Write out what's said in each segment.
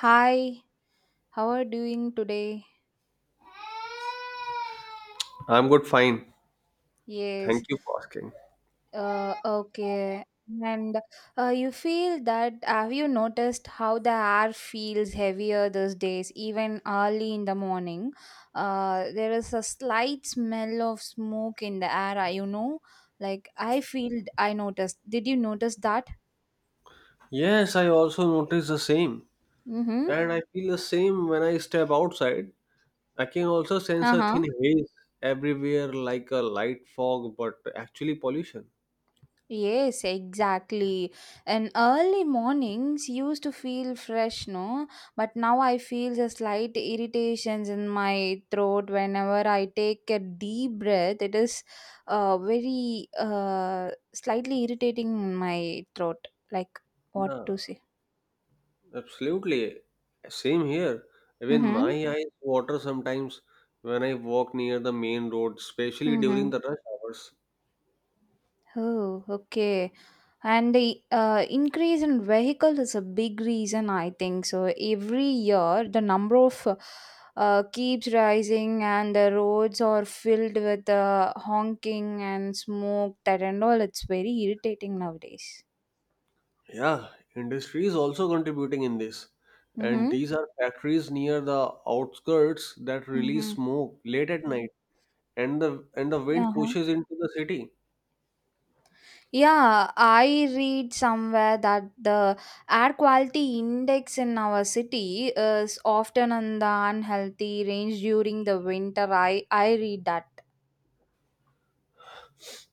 Hi, how are you doing today? I'm good, fine. Yes, Thank you for asking. Okay. And you feel that have you noticed how the air feels heavier these days, even early in the morning? There is a slight smell of smoke in the air, you know? Like I noticed. Did you notice that? Yes, I also notice the same. Mm-hmm. And I feel the same when I step outside. I can also sense a Uh-huh. thin haze everywhere like a light fog, but actually pollution. Yes, exactly. And early mornings used to feel fresh, no? But now I feel the slight irritations in my throat whenever I take a deep breath. It is very slightly irritating in my throat. Like what Yeah, to say? absolutely. Same here. Even Mm-hmm. my eyes water sometimes when I walk near the main road, especially Mm-hmm. during the rush hours. Oh, okay. And the increase in vehicles is a big reason, I think. So every year, the number of keeps rising, and the roads are filled with honking and smoke. That and all, it's very irritating nowadays. Yeah, industry is also contributing in this. And Mm-hmm. these are factories near the outskirts that Mm-hmm. release smoke late at night and the wind Uh-huh. pushes into the city. Yeah, I read somewhere that the air quality index in our city is often in the unhealthy range during the winter. I read that.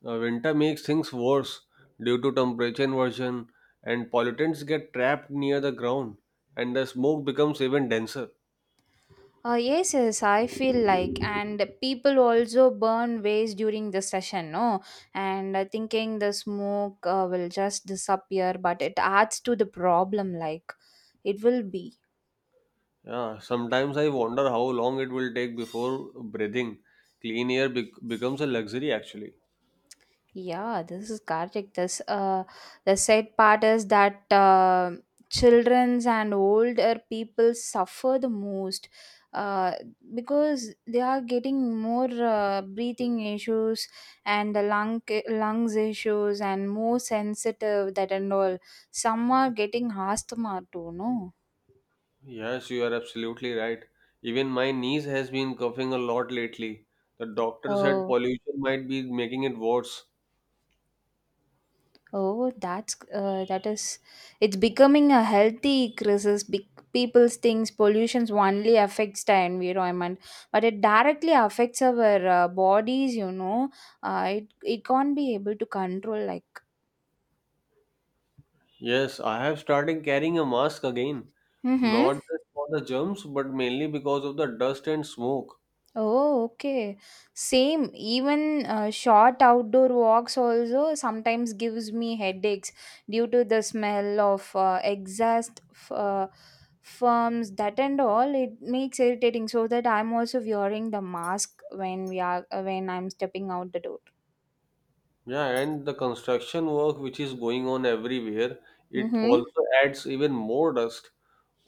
Winter makes things worse due to temperature inversion and pollutants get trapped near the ground and the smoke becomes even denser. Yes, yes, I feel like, and people also burn waste during the session, no? And I thinking the smoke will just disappear, but it adds to the problem, like it will be. Yeah, sometimes I wonder how long it will take before breathing clean air bec becomes a luxury actually. Yeah, this is correct. This The sad part is that childrens and older people suffer the most, uh, because they are getting more breathing issues and the lungs issues and more sensitive that and all. Some are getting asthma too, Yes, you are absolutely right. Even my niece has been coughing a lot lately. The doctor said no? pollution might be making it worse. Oh, that's that is it's becoming a healthy crisis. Big people thinks pollutions only affects the environment, but it directly affects our bodies. You know, it can't be able to control like. Yes, I have started carrying a mask again. Mm-hmm. Not just for the germs, but mainly because of the dust and smoke. Oh, okay. Same. Even short outdoor walks also sometimes gives me headaches due to the smell of firms that and all. It makes irritating so that I'm also wearing the mask when we are when I'm stepping out the door. Yeah, and the construction work which is going on everywhere, it Mm-hmm. also adds even more dust.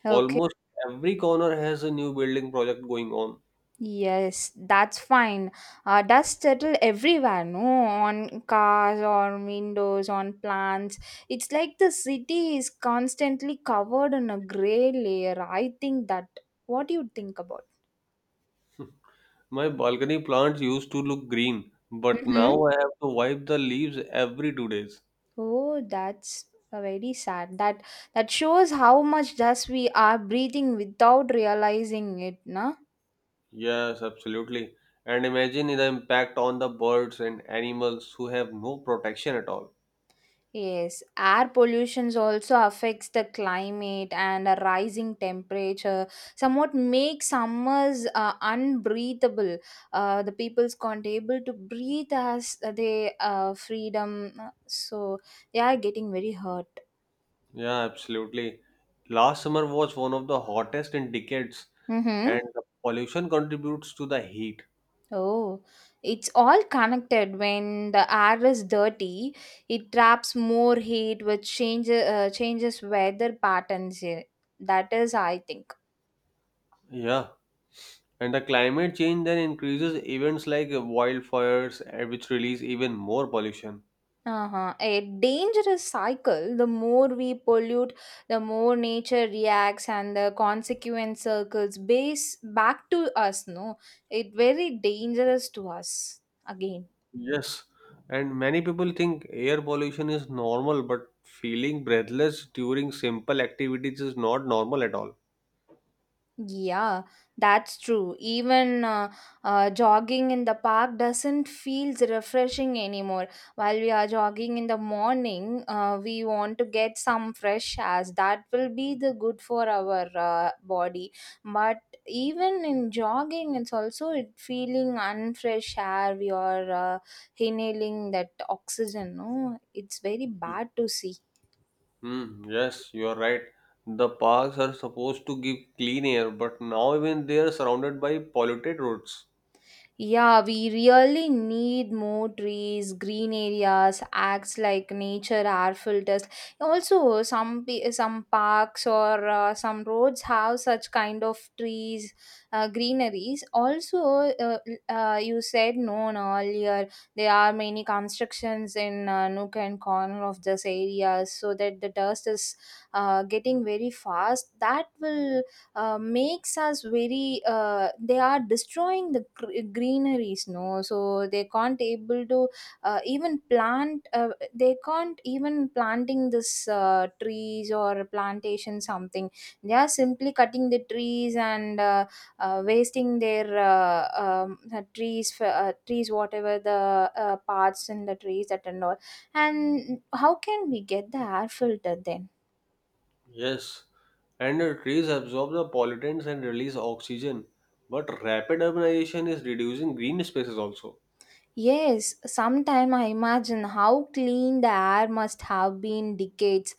Okay. Almost every corner has a new building project going on. Yes, that's fine. Dust settle everywhere, no? On cars, on windows, on plants. It's like the city is constantly covered in a gray layer. I think that. What do you think about? My balcony plants used to look green, but Mm-hmm. now I have to wipe the leaves every two days. Oh, that's very sad. That shows how much dust we are breathing without realizing it, na? Yes, absolutely. And imagine the impact on the birds and animals who have no protection at all. Yes, air pollution also affects the climate and a rising temperature somewhat makes summers unbreathable. The peoples can't able to breathe as they freedom, so they are getting very hurt. Yeah, absolutely. Last summer was one of the hottest in decades, and Mm-hmm. the pollution contributes to the heat. Oh, it's all connected. When the air is dirty, it traps more heat, which changes weather patterns here. That is, I think. Yeah, and the climate change then increases events like wildfires, which release even more pollution. Uh-huh. A dangerous cycle. The more we pollute, the more nature reacts and the consequent circles base back to us, no? It very dangerous to us again. Yes, and many people think air pollution is normal, but feeling breathless during simple activities is not normal at all. Yeah, that's true. Even jogging in the park doesn't feel refreshing anymore. While we are jogging in the morning, we want to get some fresh air. That will be the good for our body. But even in jogging, it's also it feeling unfresh air. We are inhaling that oxygen. No, it's very bad to see. Hmm, yes, you are right. The parks are supposed to give clean air, but now even they are surrounded by polluted roads. Yeah, we really need more trees, green areas, acts like nature air filters. Also, some parks or some roads have such kind of trees, greeneries. Also, uh, you said no no, earlier there are many constructions in nook and corner of this area, so that the dust is getting very fast. That will makes us very they are destroying the greeneries, no, so they can't able to even plant they can't even planting this trees or plantation something. They are simply cutting the trees and wasting their trees for, trees whatever the parts in the trees that and all, and how can we get the air filter then? Yes, and the trees absorb the pollutants and release oxygen, but rapid urbanization is reducing green spaces also. Yes, sometime I imagine how clean the air must have been decades.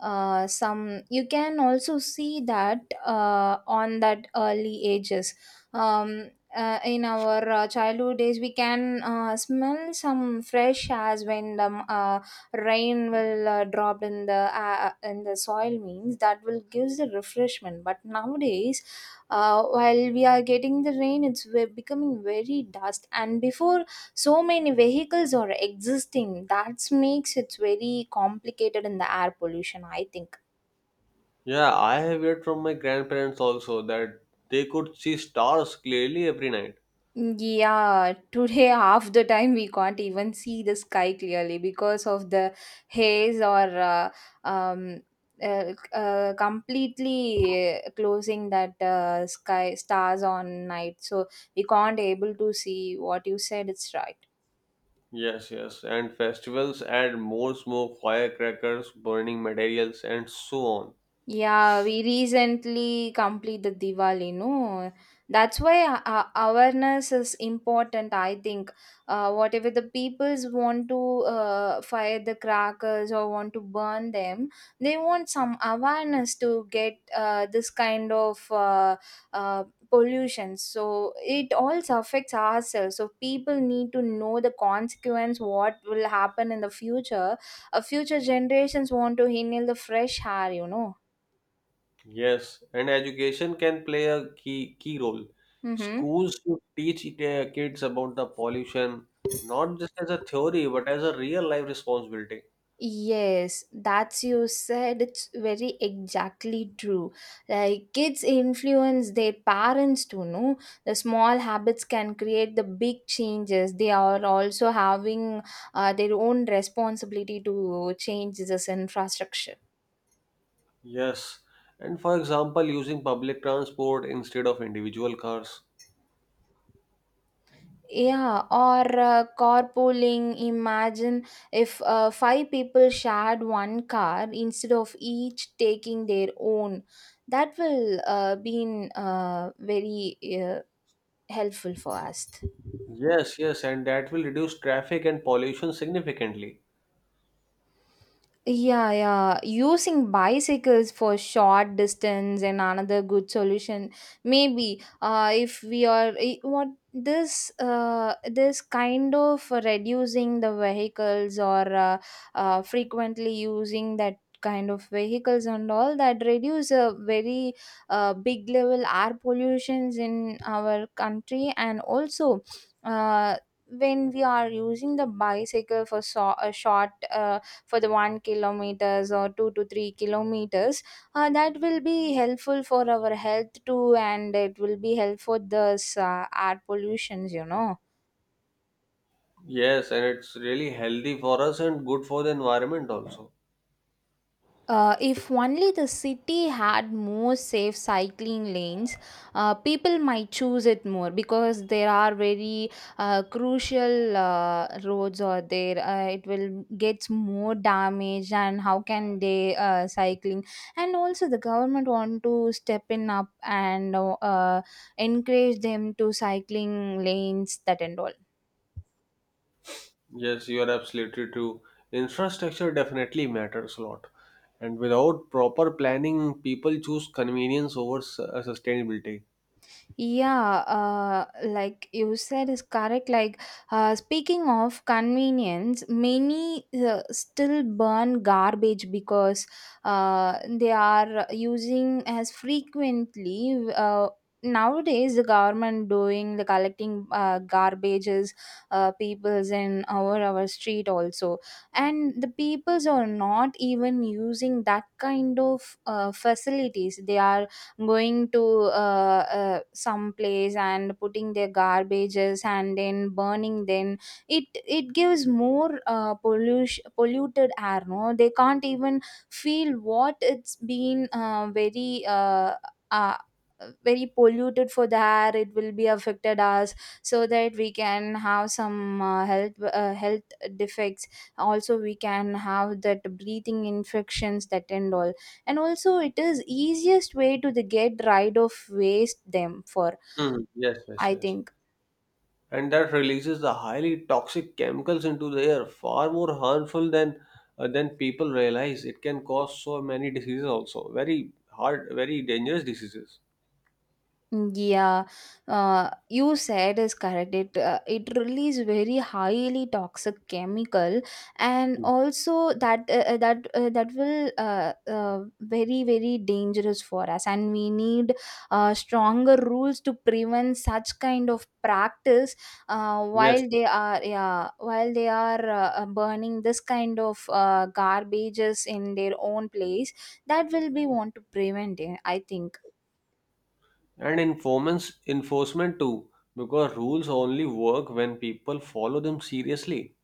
Some you can also see that on that early ages. Um, in our childhood days, we can smell some fresh airs when the rain will drop in the soil. Means that will gives the refreshment. But nowadays, while we are getting the rain, becoming very dust. And before so many vehicles are existing that makes it very complicated in the air pollution, I think. Yeah, I have heard from my grandparents also that they could see stars clearly every night. Yeah, today half the time we can't even see the sky clearly because of the haze or uh, um, uh, completely closing that sky stars on night. So we can't able to see what you said. It's right. Yes, yes, and festivals add more smoke, firecrackers, burning materials, and so on. Yeah, we recently completed Diwali, no? That's why awareness is important, I think. Whatever the peoples want to fire the crackers or want to burn them, they want some awareness to get this kind of uh, pollution. So it also affects ourselves. So people need to know the consequence, what will happen in the future. Future generations want to inhale the fresh air, you know. Yes, and education can play a key role. Mm-hmm. Schools should teach their kids about the pollution, not just as a theory, but as a real life responsibility. Yes, that's you said it's very exactly true. Like kids influence their parents to know. The small habits can create the big changes. They are also having their own responsibility to change this infrastructure. Yes, and for example, using public transport instead of individual cars. Yeah, or carpooling. Imagine if five people shared one car instead of each taking their own. That will be very helpful for us. Yes, yes, and that will reduce traffic and pollution significantly. Yeah, yeah. Using bicycles for short distance and another good solution. Maybe if we are I- what this this kind of reducing the vehicles or frequently using that kind of vehicles and all, that reduce a very big level air pollutions in our country. And also uh, when we are using the bicycle for a short for the 1 kilometers or 2 to 3 kilometers, that will be helpful for our health too, and it will be helpful for the air pollutions, you know. Yes, and it's really healthy for us and good for the environment also. If only the city had more safe cycling lanes, people might choose it more because there are very crucial roads or there. It will gets more damage, and how can they cycling? And also, the government want to step in up and encourage them to cycling lanes that and all. Yes, you are absolutely true. Infrastructure definitely matters a lot. And without proper planning, people choose convenience over sustainability. Yeah, like you said is correct. Like speaking of convenience, many still burn garbage because they are using as frequently. Nowadays, the government doing the collecting garbages, peoples in our street also, and the peoples are not even using that kind of facilities. They are going to some place and putting their garbages and then burning them. It gives more pollution polluted air, no? They can't even feel what it's been uh, very polluted for the air. It will be affected us so that we can have some health defects. Also we can have that breathing infections that end all, and also it is easiest way to the get rid of waste them for, Mm, yes, yes, I yes. think. And that releases the highly toxic chemicals into the air, far more harmful than people realize. It can cause so many diseases also, very hard, very dangerous diseases. Mm, yeah, you said is correct. It release very highly toxic chemical, and Mm. also that will very very dangerous for us. And we need stronger rules to prevent such kind of practice Yes, while yes. they are, yeah, while they are burning this kind of garbages in their own place. That will be want to prevent it, I think. And enforcement too, because rules only work when people follow them seriously.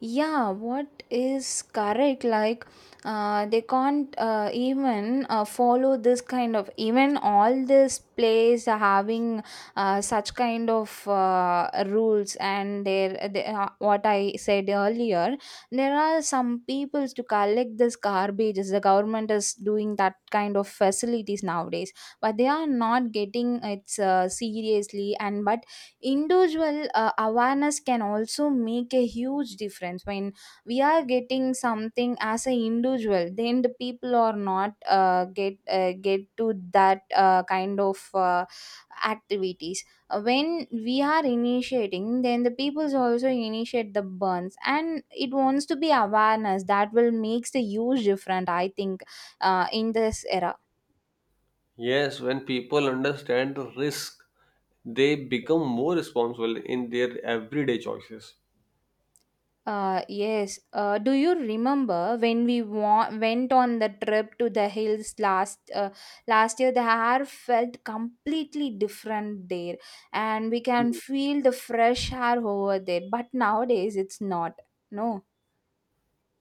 Yeah, what is correct, like they can't even follow this kind of. Even all this plays are having such kind of rules, and there they, what I said earlier, there are some peoples to collect this garbage. The government is doing that kind of facilities nowadays, but they are not getting it seriously. And but individual awareness can also make a huge difference. When we are getting something as an individual, then the people are not get to that kind of activities. When we are initiating, then the peoples also initiate the burns, and it wants to be awareness. That will makes the huge difference, I think, in this era. Yes, when people understand the risk, they become more responsible in their everyday choices. Yes. Do you remember when we went on the trip to the hills last last year? The air felt completely different there, and we can feel the fresh air over there. But nowadays, it's not. No.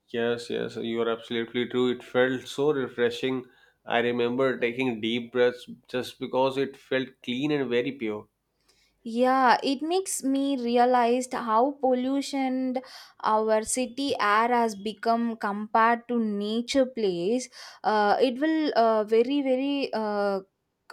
Yes, yes, you are absolutely true. It felt so refreshing. I remember taking deep breaths just because it felt clean and very pure. Yeah, it makes me realized how pollution our city air has become compared to nature place. It will very very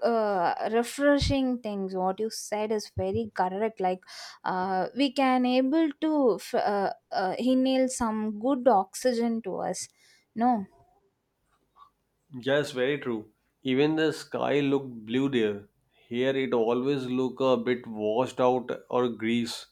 refreshing things. What you said is very correct. Like we can able to inhale some good oxygen to us. No. Yes, very true. Even the sky looked blue there. Here it always look a bit washed out or grease.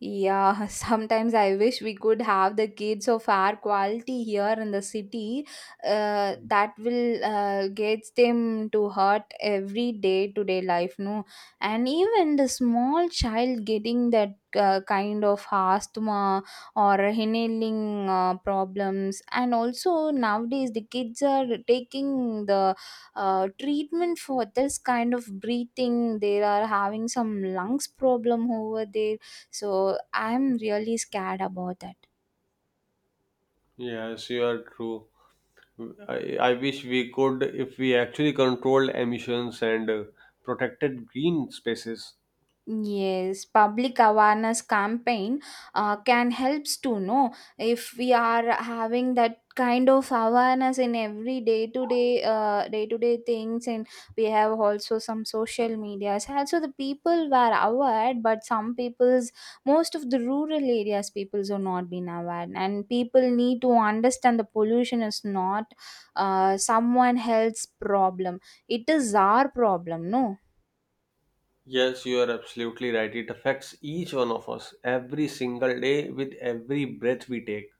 Yeah, sometimes I wish we could have the gates of air quality here in the city, that will get them to hurt every day to day life, no? And even the small child getting that kind of asthma or inhaling problems. And also nowadays the kids are taking the treatment for this kind of breathing. They are having some lungs problem over there, so I'm really scared about that. Yes, you are true. I wish we could if we actually controlled emissions and protected green spaces. Yes, public awareness campaign can helps to know if we are having that kind of awareness in every day to day day to day things, and we have also some social medias also the people were aware, but some people's, most of the rural areas peoples are not been aware, and people need to understand the pollution is not someone else's problem, it is our problem, no? Yes, you are absolutely right. It affects each one of us every single day with every breath we take.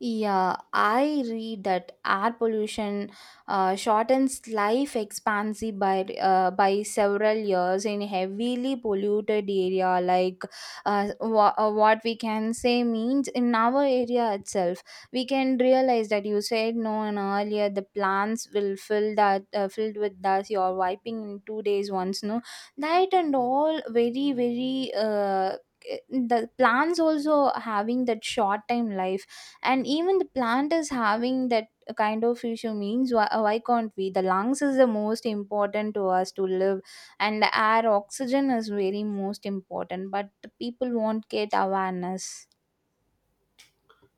Yeah, I read that air pollution shortens life expectancy by several years in heavily polluted area. Like what we can say means in our area itself, we can realize that, you said no, and earlier the plants will fill that filled with dust. You are wiping in 2 days once, no, that and all very very. The plants also having that short time life, and even the plant is having that kind of issue means why can't we, the lungs is the most important to us to live and the air oxygen is very most important, but the people won't get awareness.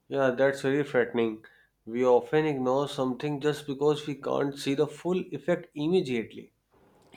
Yeah, that's very frightening. We often ignore something just because we can't see the full effect immediately.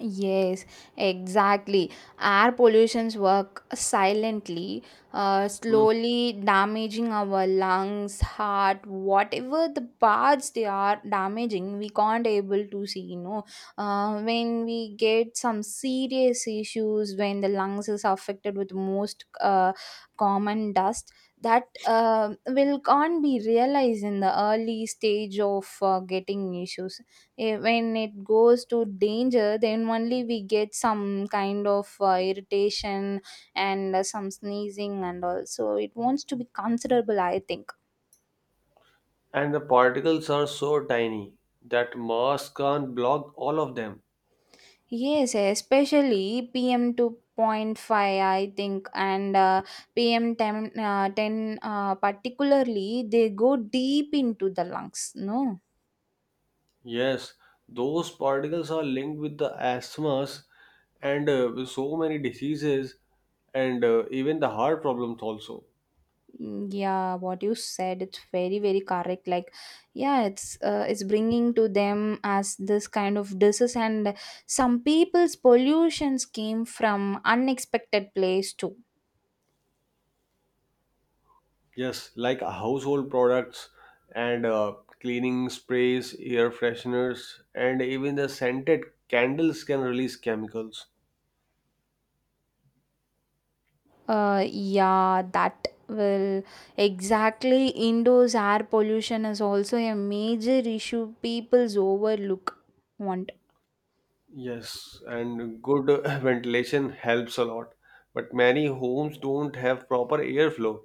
Yes, exactly. Air pollutions work silently, Hmm. slowly damaging our lungs, heart, whatever the parts they are damaging, we can't able to see, you know. When we get some serious issues, when the lungs is affected with most common dust, that will can't be realized in the early stage of getting issues. When it goes to danger, then only we get some kind of irritation and some sneezing and all, so it wants to be considerable, I think. And the particles are so tiny that mass can't block all of them. Yes, especially pm 2.5, I think, and pm 10, 10, particularly they go deep into the lungs, no? Yes, those particles are linked with the asthmas and with so many diseases and even the heart problems also. Mm, yeah, what you said it's very very correct. Like yeah, it's bringing to them as this kind of disease, and some people's pollutions came from unexpected place too. Yes, like household products and cleaning sprays, air fresheners, and even the scented candles can release chemicals. Yeah, that will, exactly, indoors air pollution is also a major issue people's overlook one. Yes, and good ventilation helps a lot, but many homes don't have proper airflow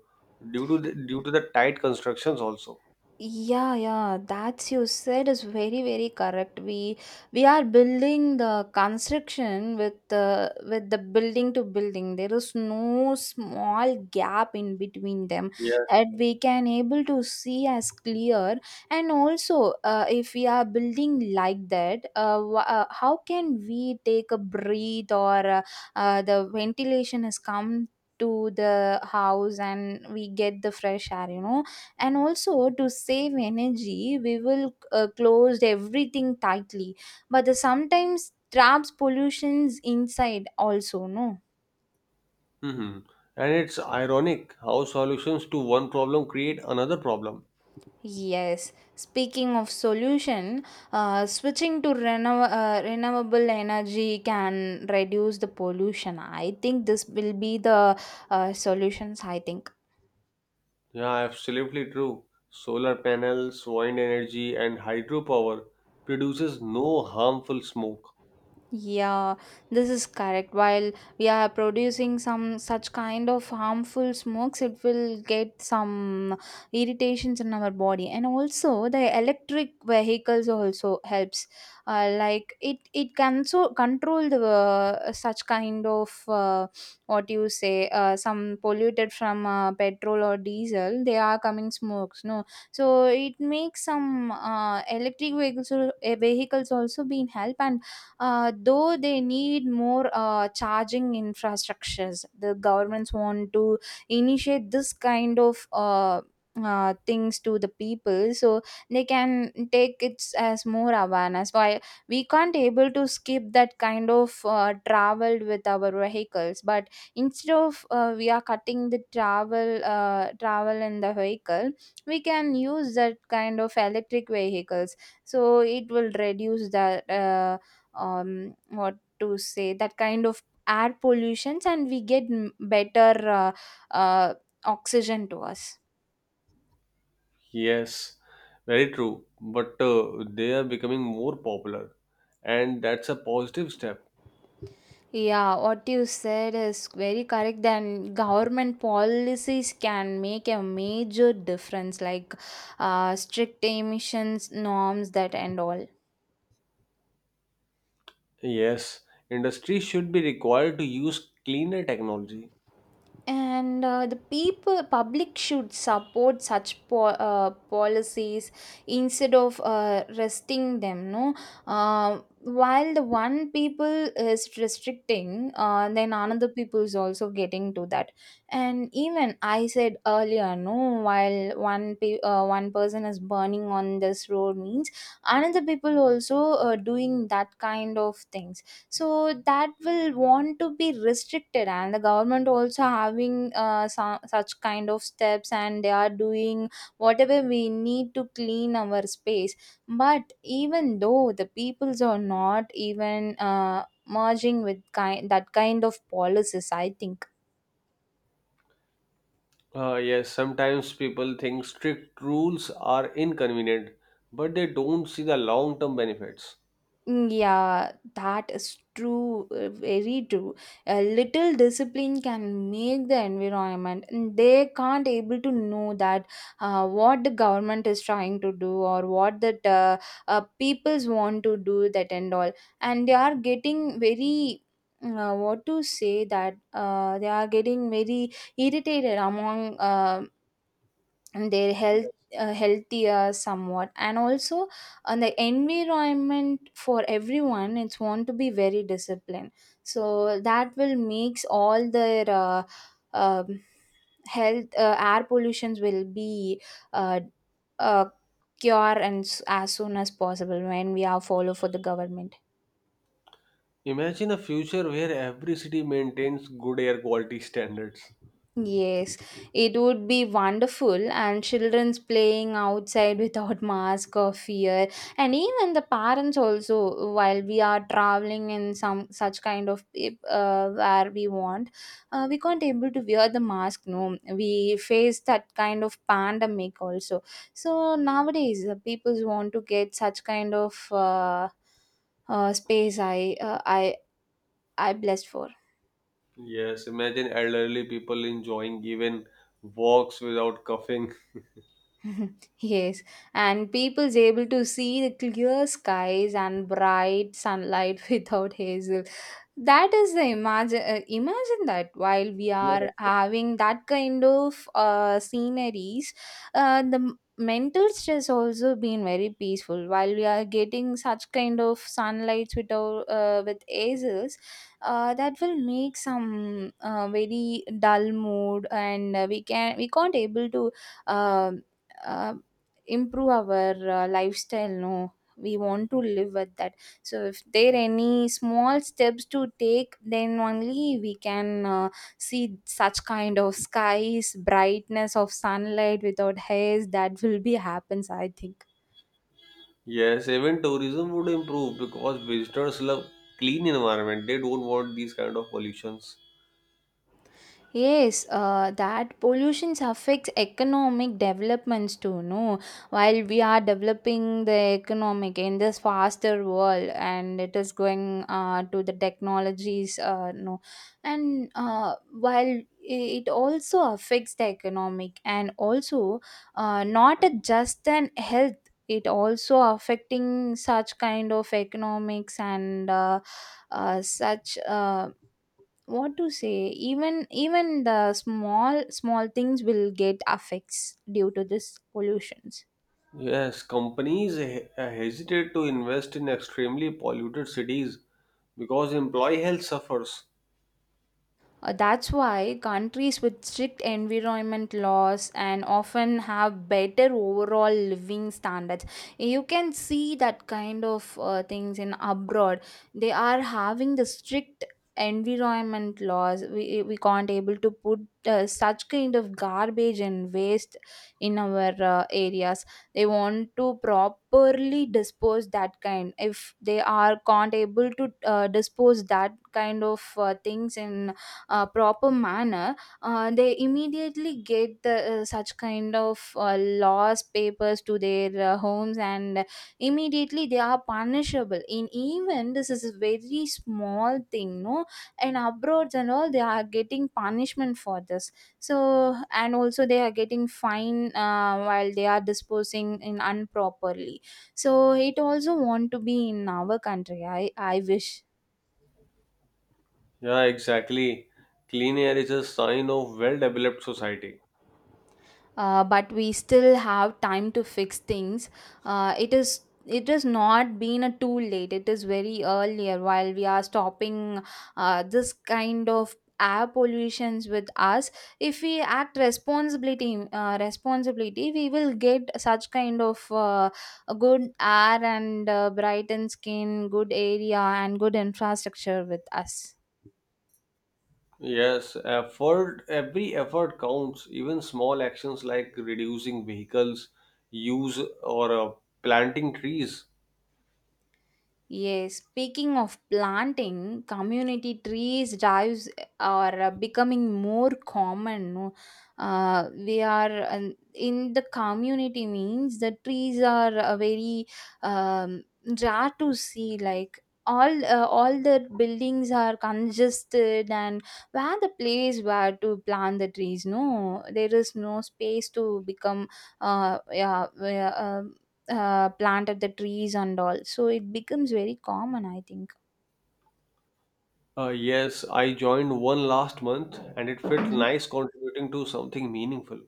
due to the tight constructions also. Yeah, yeah, that's, you said is very, very correct. We are building the construction with the, with the building to building. There is no small gap in between them Yes. that we can able to see as clear. And also, if we are building like that, how can we take a breathe or the ventilation has come to the house and we get the fresh air? You know, and also to save energy we will close everything tightly, but the sometimes traps pollutions inside also, no? Hmm. And it's ironic how solutions to one problem create another problem. Yes, speaking of solution, switching to renewable energy can reduce the pollution, I think this will be the solutions, I think. Yeah, absolutely true. Solar panels, wind energy, and hydropower produces no harmful smoke. Yeah, this is correct. While we are producing some such kind of harmful smokes, it will get some irritations in our body. And also, the electric vehicles also helps. Like it can so control the such kind of what you say, some polluted from petrol or diesel. They are coming smokes, no. So it makes some electric vehicles, vehicles also being help, and though they need more charging infrastructures, the governments want to initiate this kind of things to the people, so they can take it as more awareness, why we can't able to skip that kind of travel with our vehicles, but instead of we are cutting the travel, travel in the vehicle, we can use that kind of electric vehicles, so it will reduce that what to say, that kind of air pollutions, and we get better uh, oxygen to us. Yes, very true. But they are becoming more popular, and that's a positive step. Yeah, what you said is very correct. Then government policies can make a major difference. Like strict emissions norms, that and all. Yes, industry should be required to use cleaner technology. And the people, public, should support such policies instead of resting them, no. While the one people is restricting, then another people is also getting to that, and even I said earlier, no, while one person is burning on this road means, another people also doing that kind of things, so that will want to be restricted, and the government also having such kind of steps, and they are doing whatever we need to clean our space, but even though the peoples are not even merging with kind, that kind of policies, I think. Yes, sometimes people think strict rules are inconvenient, but they don't see the long term benefits. Mm, yeah, that is true, very true. A little discipline can make the environment, and they can't able to know that what the government is trying to do, or what that peoples want to do, that and all. And they are getting very, what to say, that they are getting very irritated among, and their health, healthier somewhat, and also on the environment, for everyone it's want to be very disciplined, so that will makes all their um, health, air pollutions will be uh, uh, cure and as soon as possible when we are follow for the government. Imagine a future where every city maintains good air quality standards. Yes, it would be wonderful, and children's playing outside without mask or fear, and even the parents also. While we are traveling in some such kind of where we want, we can't able to wear the mask. No, we face that kind of pandemic also. So nowadays, the people want to get such kind of space. I blessed for. Yes, imagine elderly people enjoying even walks without coughing. Yes, and people's able to see the clear skies and bright sunlight without hazel. That is the imagine. Imagine that while we Yeah. are having that kind of sceneries, the mental stress also being very peaceful. While we are getting such kind of sunlights without with hazels, that will make some very dull mood, and uh, we can't able to. Um, uh, Improve our lifestyle, no, we want to live with that, so if there any small steps to take then only we can see such kind of skies brightness of sunlight without haze, that will be happens, I think. Yes, even tourism would improve because visitors love clean environment. They don't want these kind of pollutions. Yes, that pollution affects economic developments too, no? While we are developing the economic in this faster world, and it is going to the technologies. No, and while it also affects the economic, and also not a just an health. It also affecting such kind of economics, and such. What to say, even the small small things will get affects due to this pollutions. Yes, companies hesitate to invest in extremely polluted cities because employee health suffers. That's why countries with strict environment laws and often have better overall living standards. You can see that kind of things in abroad. They are having the strict environment laws. We can't able to put such kind of garbage and waste in our areas. They want to properly dispose that kind. If they are can't able to dispose that kind of things in proper manner, they immediately get the, such kind of laws papers to their homes, and immediately they are punishable. In even this is a very small thing, no? And abroad and all, they are getting punishment for this. So and also they are getting fine while they are disposing in unproperly. So it also want to be in our country. I wish. Yeah, exactly. Clean air is a sign of well-developed society. Uh, but we still have time to fix things. It has not been a too late. It is very earlier while we are stopping this kind of air pollutions with us. If we act responsibility, responsibility we will get such kind of a good air, and brighten skin, good area, and good infrastructure with us. Yes, effort, every effort counts. Even small actions like reducing vehicles use or planting trees. Yes, speaking of planting, community trees drives are becoming more common, no? We are in the community means, the trees are very um, rare to see. Like all the buildings are congested, and where the place, where to plant the trees? No, there is no space to become uh, yeah, yeah, uh, planted the trees and all. So it becomes very common, I think. Yes, I joined one last month and it felt nice contributing to something meaningful.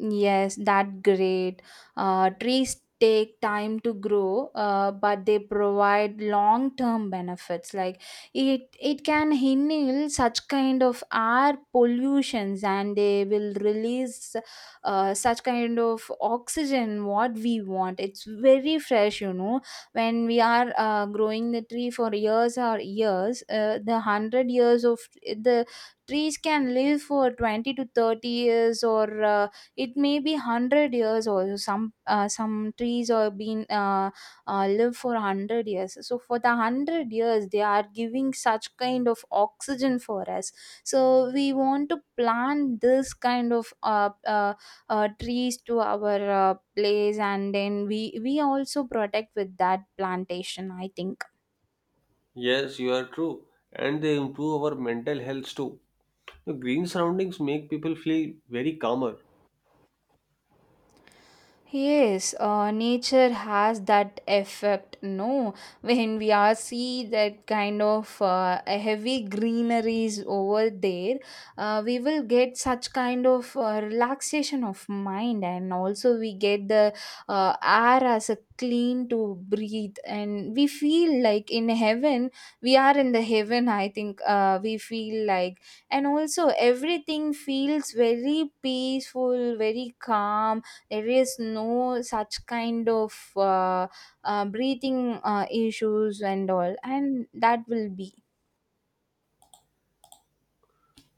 Yes, that great. Trees take time to grow, but they provide long-term benefits. Like it can handle such kind of air pollutions, and they will release such kind of oxygen what we want. It's very fresh, you know. When we are growing the tree for years or years, the 100 years of the trees can live for 20 to 30 years or. It may be 100 years also, some trees are been live for 100 years, so for the 100 years they are giving such kind of oxygen for us, so we want to plant this kind of trees to our place, and then we also protect with that plantation, I think. Yes, you are true. And they improve our mental health too. The green surroundings make people feel very calmer. Yes, nature has that effect, no? When we are see that kind of a heavy greeneries over there, we will get such kind of relaxation of mind, and also we get the air as a clean to breathe, and we feel like in heaven. We are in the heaven, I think, we feel like, and also everything feels very peaceful, very calm. There is no such kind of breathing issues and all, and that will be.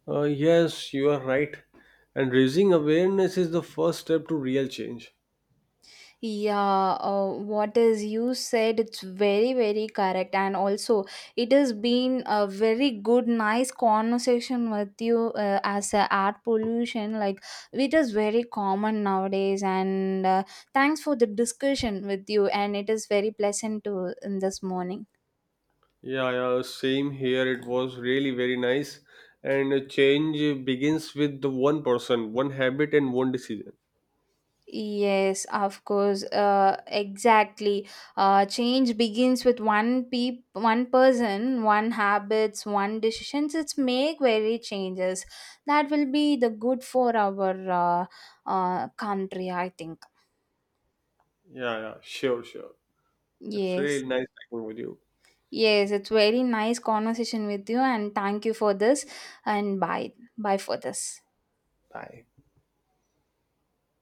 Yes, you are right. And raising awareness is the first step to real change. Yeah, what is you said it's very very correct, and also it has been a very good, nice conversation with you, as a air pollution. Like it is very common nowadays, and thanks for the discussion with you, and it is very pleasant to in this morning. Yeah, yeah, same here. It was really very nice. And change begins with the one person, one habit, and one decision. Yes, of course. Exactly. Change begins with one person, one habits, one decisions. It's make very changes. That will be the good for our country, I think. Yeah, yeah, sure, sure. It's Yes. really nice talking with you. Yes. It's very nice conversation with you, and thank you for this. And bye. Bye for this. Bye.